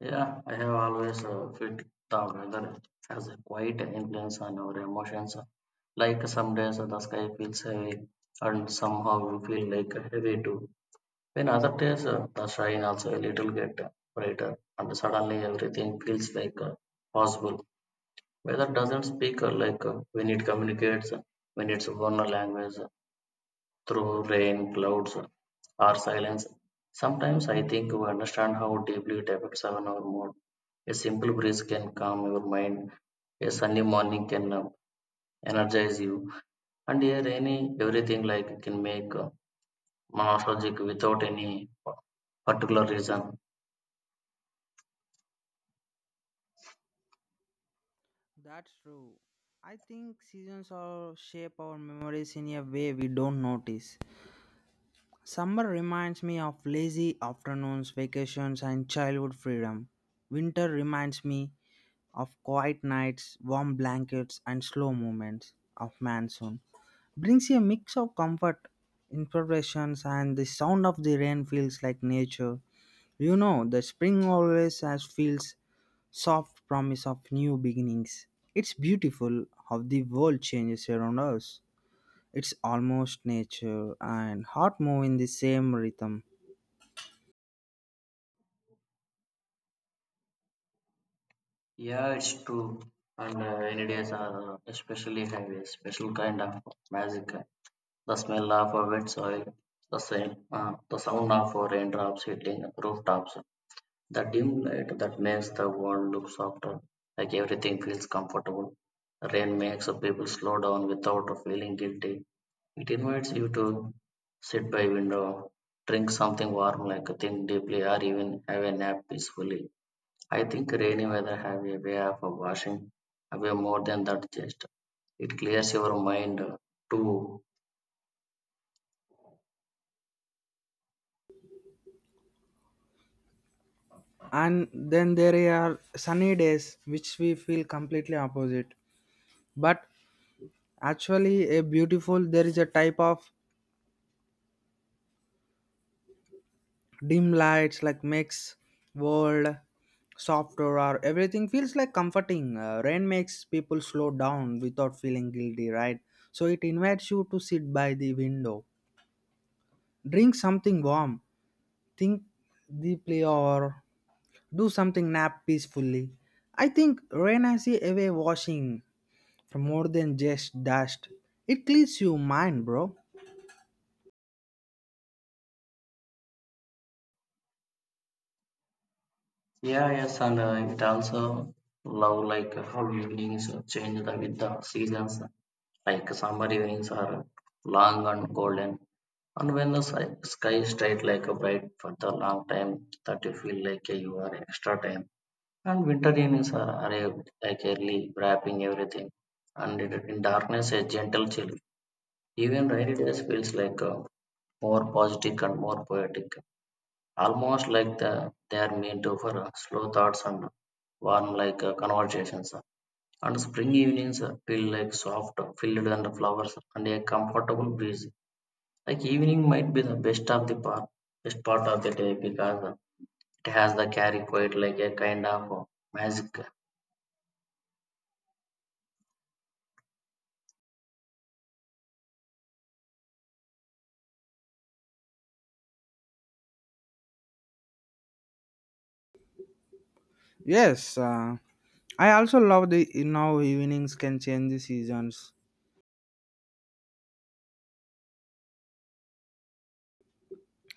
Yeah, I have always felt the weather has a quiet influence on our emotions. Like some days the sky feels heavy, and somehow you feel like heavy too. When other days the shine also a little get brighter, and suddenly everything feels like possible. Weather doesn't speak when it communicates, when it's one language through rain, clouds, or silence. Sometimes I think we understand how deeply it affects our mood a simple breeze can calm your mind. A sunny morning can energize you. And here, any everything like can make nostalgic without any particular reason. That's true. I think seasons or shape our memories in a way we don't notice. Summer reminds me of lazy afternoons, vacations, and childhood freedom. Winter reminds me of quiet nights, warm blankets, and slow movements of monsoon. Brings you a mix of comfort, imperfections, and the sound of the rain feels like nature. You know, the spring always has feels soft promise of new beginnings. It's beautiful how the world changes around us. It's almost nature and heart move in the same rhythm. Yeah, it's true. And rainy days are especially have a special kind of magic. The smell of wet soil, the same, the sound of raindrops hitting rooftops, the dim light that makes the world look softer, like everything feels comfortable. Rain makes people slow down without feeling guilty. It invites you to sit by window, drink something warm like think deeply or even have a nap peacefully. I think rainy weather have a way of washing away more than that just. It clears your mind too. And then there are sunny days which we feel completely opposite. But actually a beautiful there is a type of dim lights like makes world softer or everything feels like comforting. Rain makes people slow down without feeling guilty, right? So it invites you to sit by the window. Drink something warm, think deeply, or do something nap peacefully. I think rain has a away washing from more than just dust. It cleans your mind, bro. Yeah, yes, and it also love like how evenings change the, with the seasons. Like summer evenings are long and golden and when the sky is straight like a bright for the long time that you feel like you are extra time and winter evenings are arrived like early wrapping everything and in darkness a gentle chill even rainy days feels like a more positive and more poetic almost like the, they are meant to for slow thoughts and warm like conversations and spring evenings feel like soft, filled and flowers and a comfortable breeze. Like evening might be the best of the part, best part of the day because it has the carry quite like a kind of magic. Yes, I also love the you know evenings can change the seasons.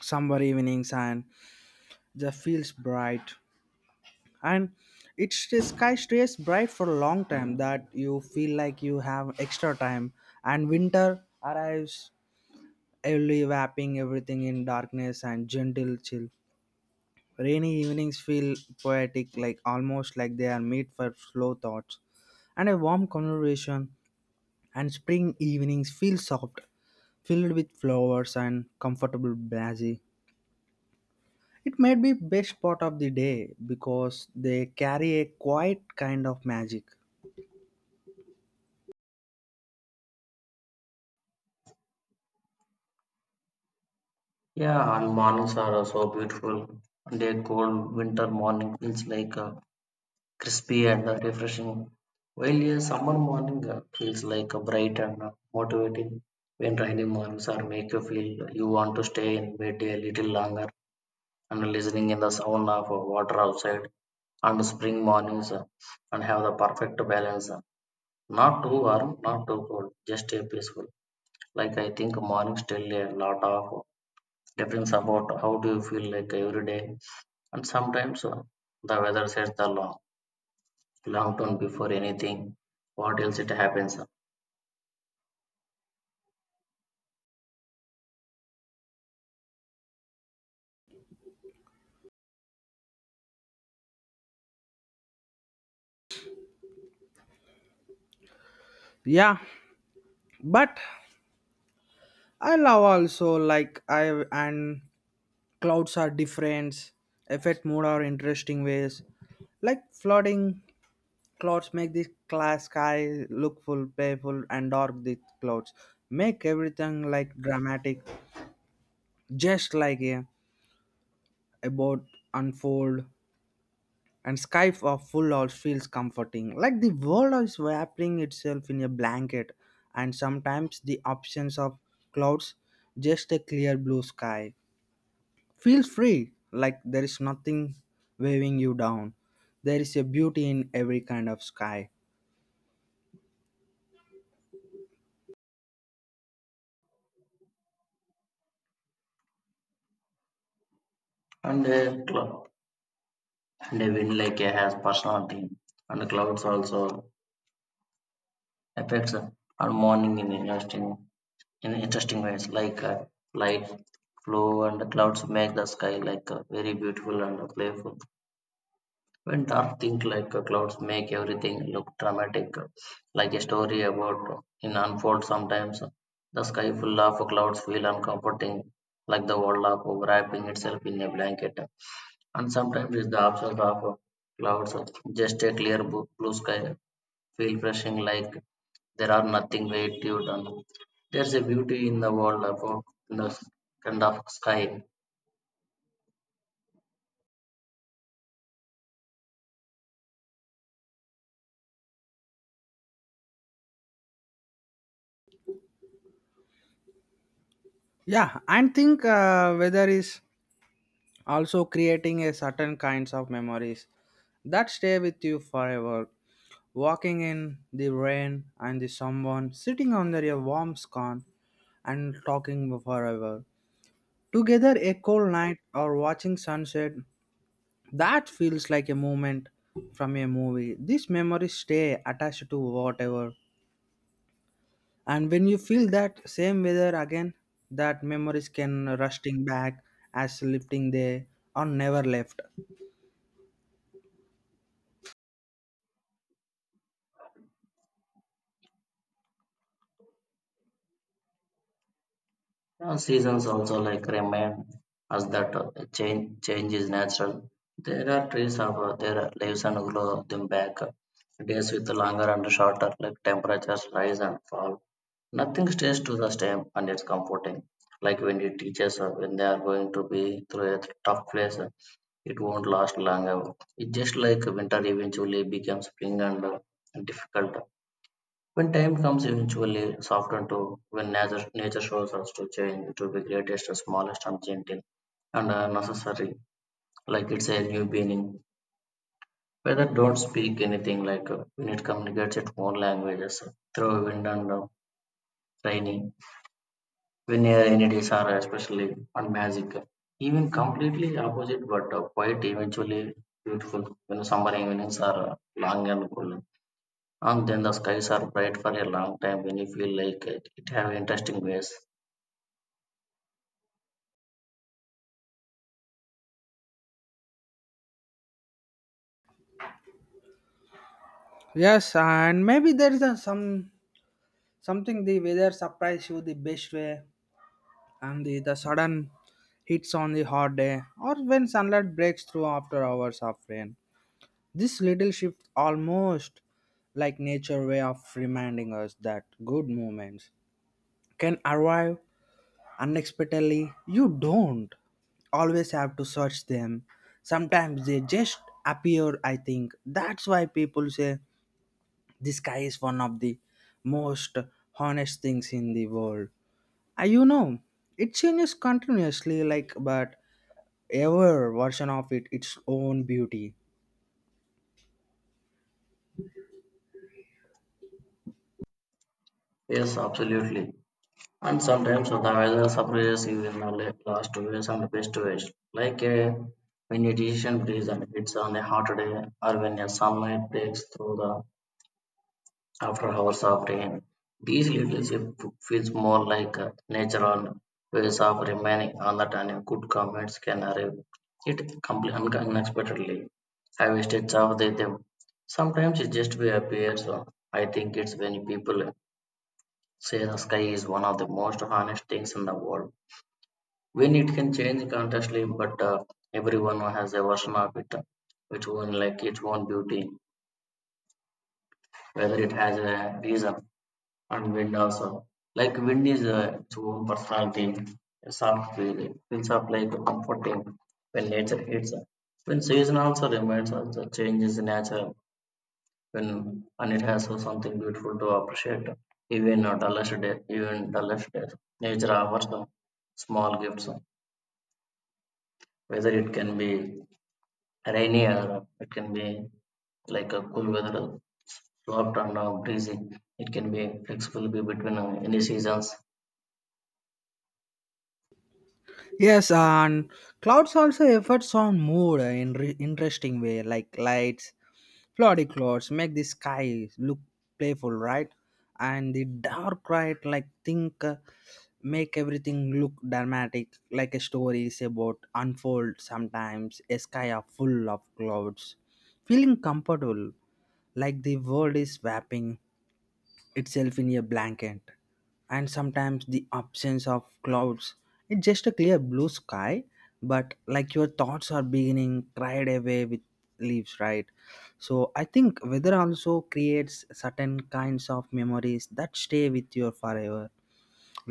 Summer evenings and the feels bright, and it's the sky stays bright for a long time that you feel like you have extra time. And winter arrives early wrapping everything in darkness and gentle chill. Rainy evenings feel poetic, like almost like they are made for slow thoughts and a warm conversation. And spring evenings feel soft, filled with flowers and comfortable breezy. It may be best part of the day because they carry a quiet kind of magic. Yeah, and mornings are so beautiful. And a cold winter morning feels like crispy and refreshing. While a summer morning feels like bright and motivating. When rainy mornings are make you feel you want to stay in bed a little longer and listening in the sound of water outside and spring mornings and have the perfect balance. Not too warm, not too cold, just a peaceful. Like I think mornings tell a lot of difference about how do you feel like every day. And sometimes the weather sets the long, long tone before anything. What else it happens? Yeah, but I love also like I and clouds are different affect mood are interesting ways like flooding clouds make the class sky look full playful and dark the clouds make everything like dramatic just like a boat unfold and sky of full house feels comforting like the world is wrapping itself in a blanket, and sometimes the options of clouds just a clear blue sky. Feel free, like there is nothing weighing you down. There is a beauty in every kind of sky. And a cloud, and a wind like a has personality. And the clouds also affects and morning in interesting. In interesting ways like light flow and clouds make the sky like very beautiful and playful when dark things like clouds make everything look dramatic like a story about in unfold sometimes the sky full of clouds feel uncomforting like the world of wrapping itself in a blanket and sometimes it's the absence of clouds just a clear blue sky feel brushing like there are nothing weight you done. There's a beauty in the world about the kind of sky. Yeah, and think weather is also creating a certain kinds of memories that stay with you forever. Walking in the rain and the someone sitting under a warm scone and talking forever. Together a cold night or watching sunset, that feels like a moment from a movie. These memories stay attached to whatever. And when you feel that same weather again, that memories can rusting back as lifting they or never left. Seasons also like remind us that change is natural. There are trees of their leaves and grow them back. Days with longer and shorter, like temperatures rise and fall. Nothing stays to the same, and it's comforting. Like when you teachers, when they are going to be through a tough place, it won't last long ever. It's just like winter eventually becomes spring and difficult. When time comes, eventually soften to when nature shows us to change to be greatest, smallest, and gentle and necessary, like it's a new beginning. Weather don't speak anything like when it communicates its own languages through wind and rainy linear entities are especially unmagical, even completely opposite but quite eventually beautiful. When summer evenings are long and cool, and then the skies are bright for a long time when you feel like it have interesting ways. Yes, and maybe there is some something the weather surprise you the best way, and the sudden hits on the hot day, or when sunlight breaks through after hours of rain. This little shift almost like nature way of reminding us that good moments can arrive unexpectedly. You don't always have to search them. Sometimes they just appear. I think that's why people say the sky is one of the most honest things in the world. You know, it changes continuously like but ever version of it its own beauty. Yes, absolutely. And sometimes the weather surprises you in the last ways and best ways, like when a decision breeze and hits on a hot day, or when a sunlight breaks through the after hours of rain. These leadership feels more like a natural ways of remaining alert and good comments can arrive. It completely unexpectedly. I wish it's of the them. Sometimes it just will appear. So I think it's when people say the sky is one of the most honest things in the world. When it can change constantly, but everyone has a version of it, which one like its own beauty, whether it has a reason. And wind also. Like wind is its own personality, a soft feeling, feels up like comforting when nature hits us. When season also reminds us the changes in nature when and it has so something beautiful to appreciate. Even a dullest day, even dullest days, nature offers some small gifts. Whether it can be rainy or it can be like a cool weather, soft and breezy. It can be flexible be between any seasons. Yes, and clouds also affects on mood in interesting way like lights. Cloudy clouds make the sky look playful, right? And the dark right, like think, make everything look dramatic, like a story is about unfold. Sometimes a sky are full of clouds, feeling comfortable, like the world is wrapping itself in a blanket, and sometimes the absence of clouds, it's just a clear blue sky but like your thoughts are beginning cried away with leaves, right? So I think weather also creates certain kinds of memories that stay with you forever,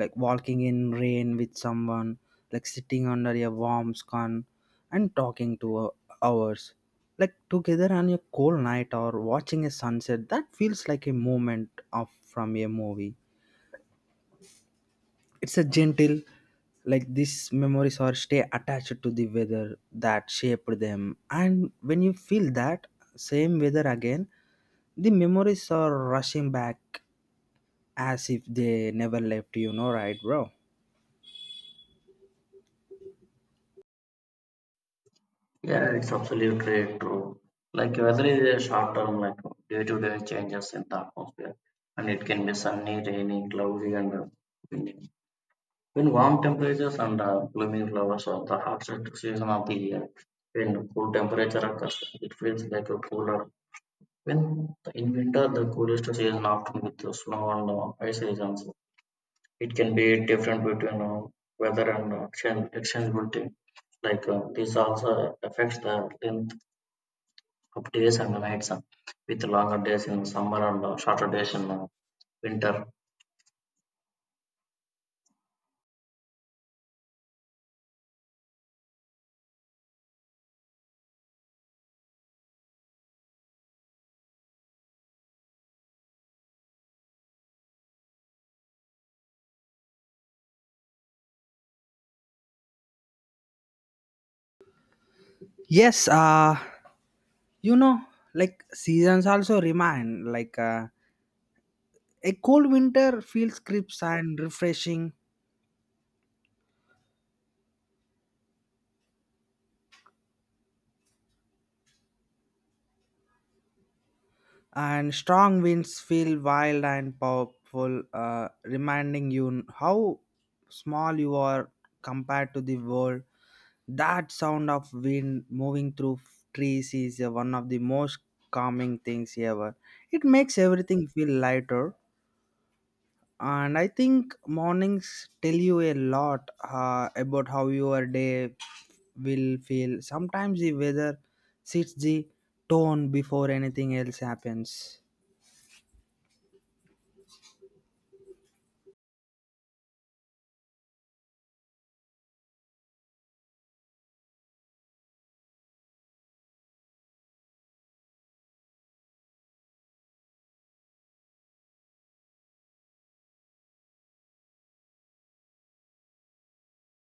like walking in rain with someone, like sitting under a warm sun and talking to hours, like together on a cold night or watching a sunset. That feels like a moment of from a movie. It's a gentle, like these memories are stay attached to the weather that shaped them. And when you feel that same weather again, the memories are rushing back as if they never left you. No, right, bro? Yeah, it's absolutely true. Like weather is a short term, like day to day changes in the atmosphere, and it can be sunny, rainy, cloudy, and windy. When warm temperatures and blooming flowers are the hottest season of the year, when cool temperature occurs, it feels like a cooler. When in winter, the coolest season, often with the snow and ice regions, it can be different between weather and exchangeability. Like this also affects the length up days and nights with longer days in summer and shorter days in winter. Yes. You know, like seasons also remind like a cold winter feels crisp and refreshing, and strong winds feel wild and powerful, reminding you how small you are compared to the world. That sound of wind moving through trees is one of the most calming things ever. It makes everything feel lighter. And I think mornings tell you a lot about how your day will feel. Sometimes the weather sets the tone before anything else happens.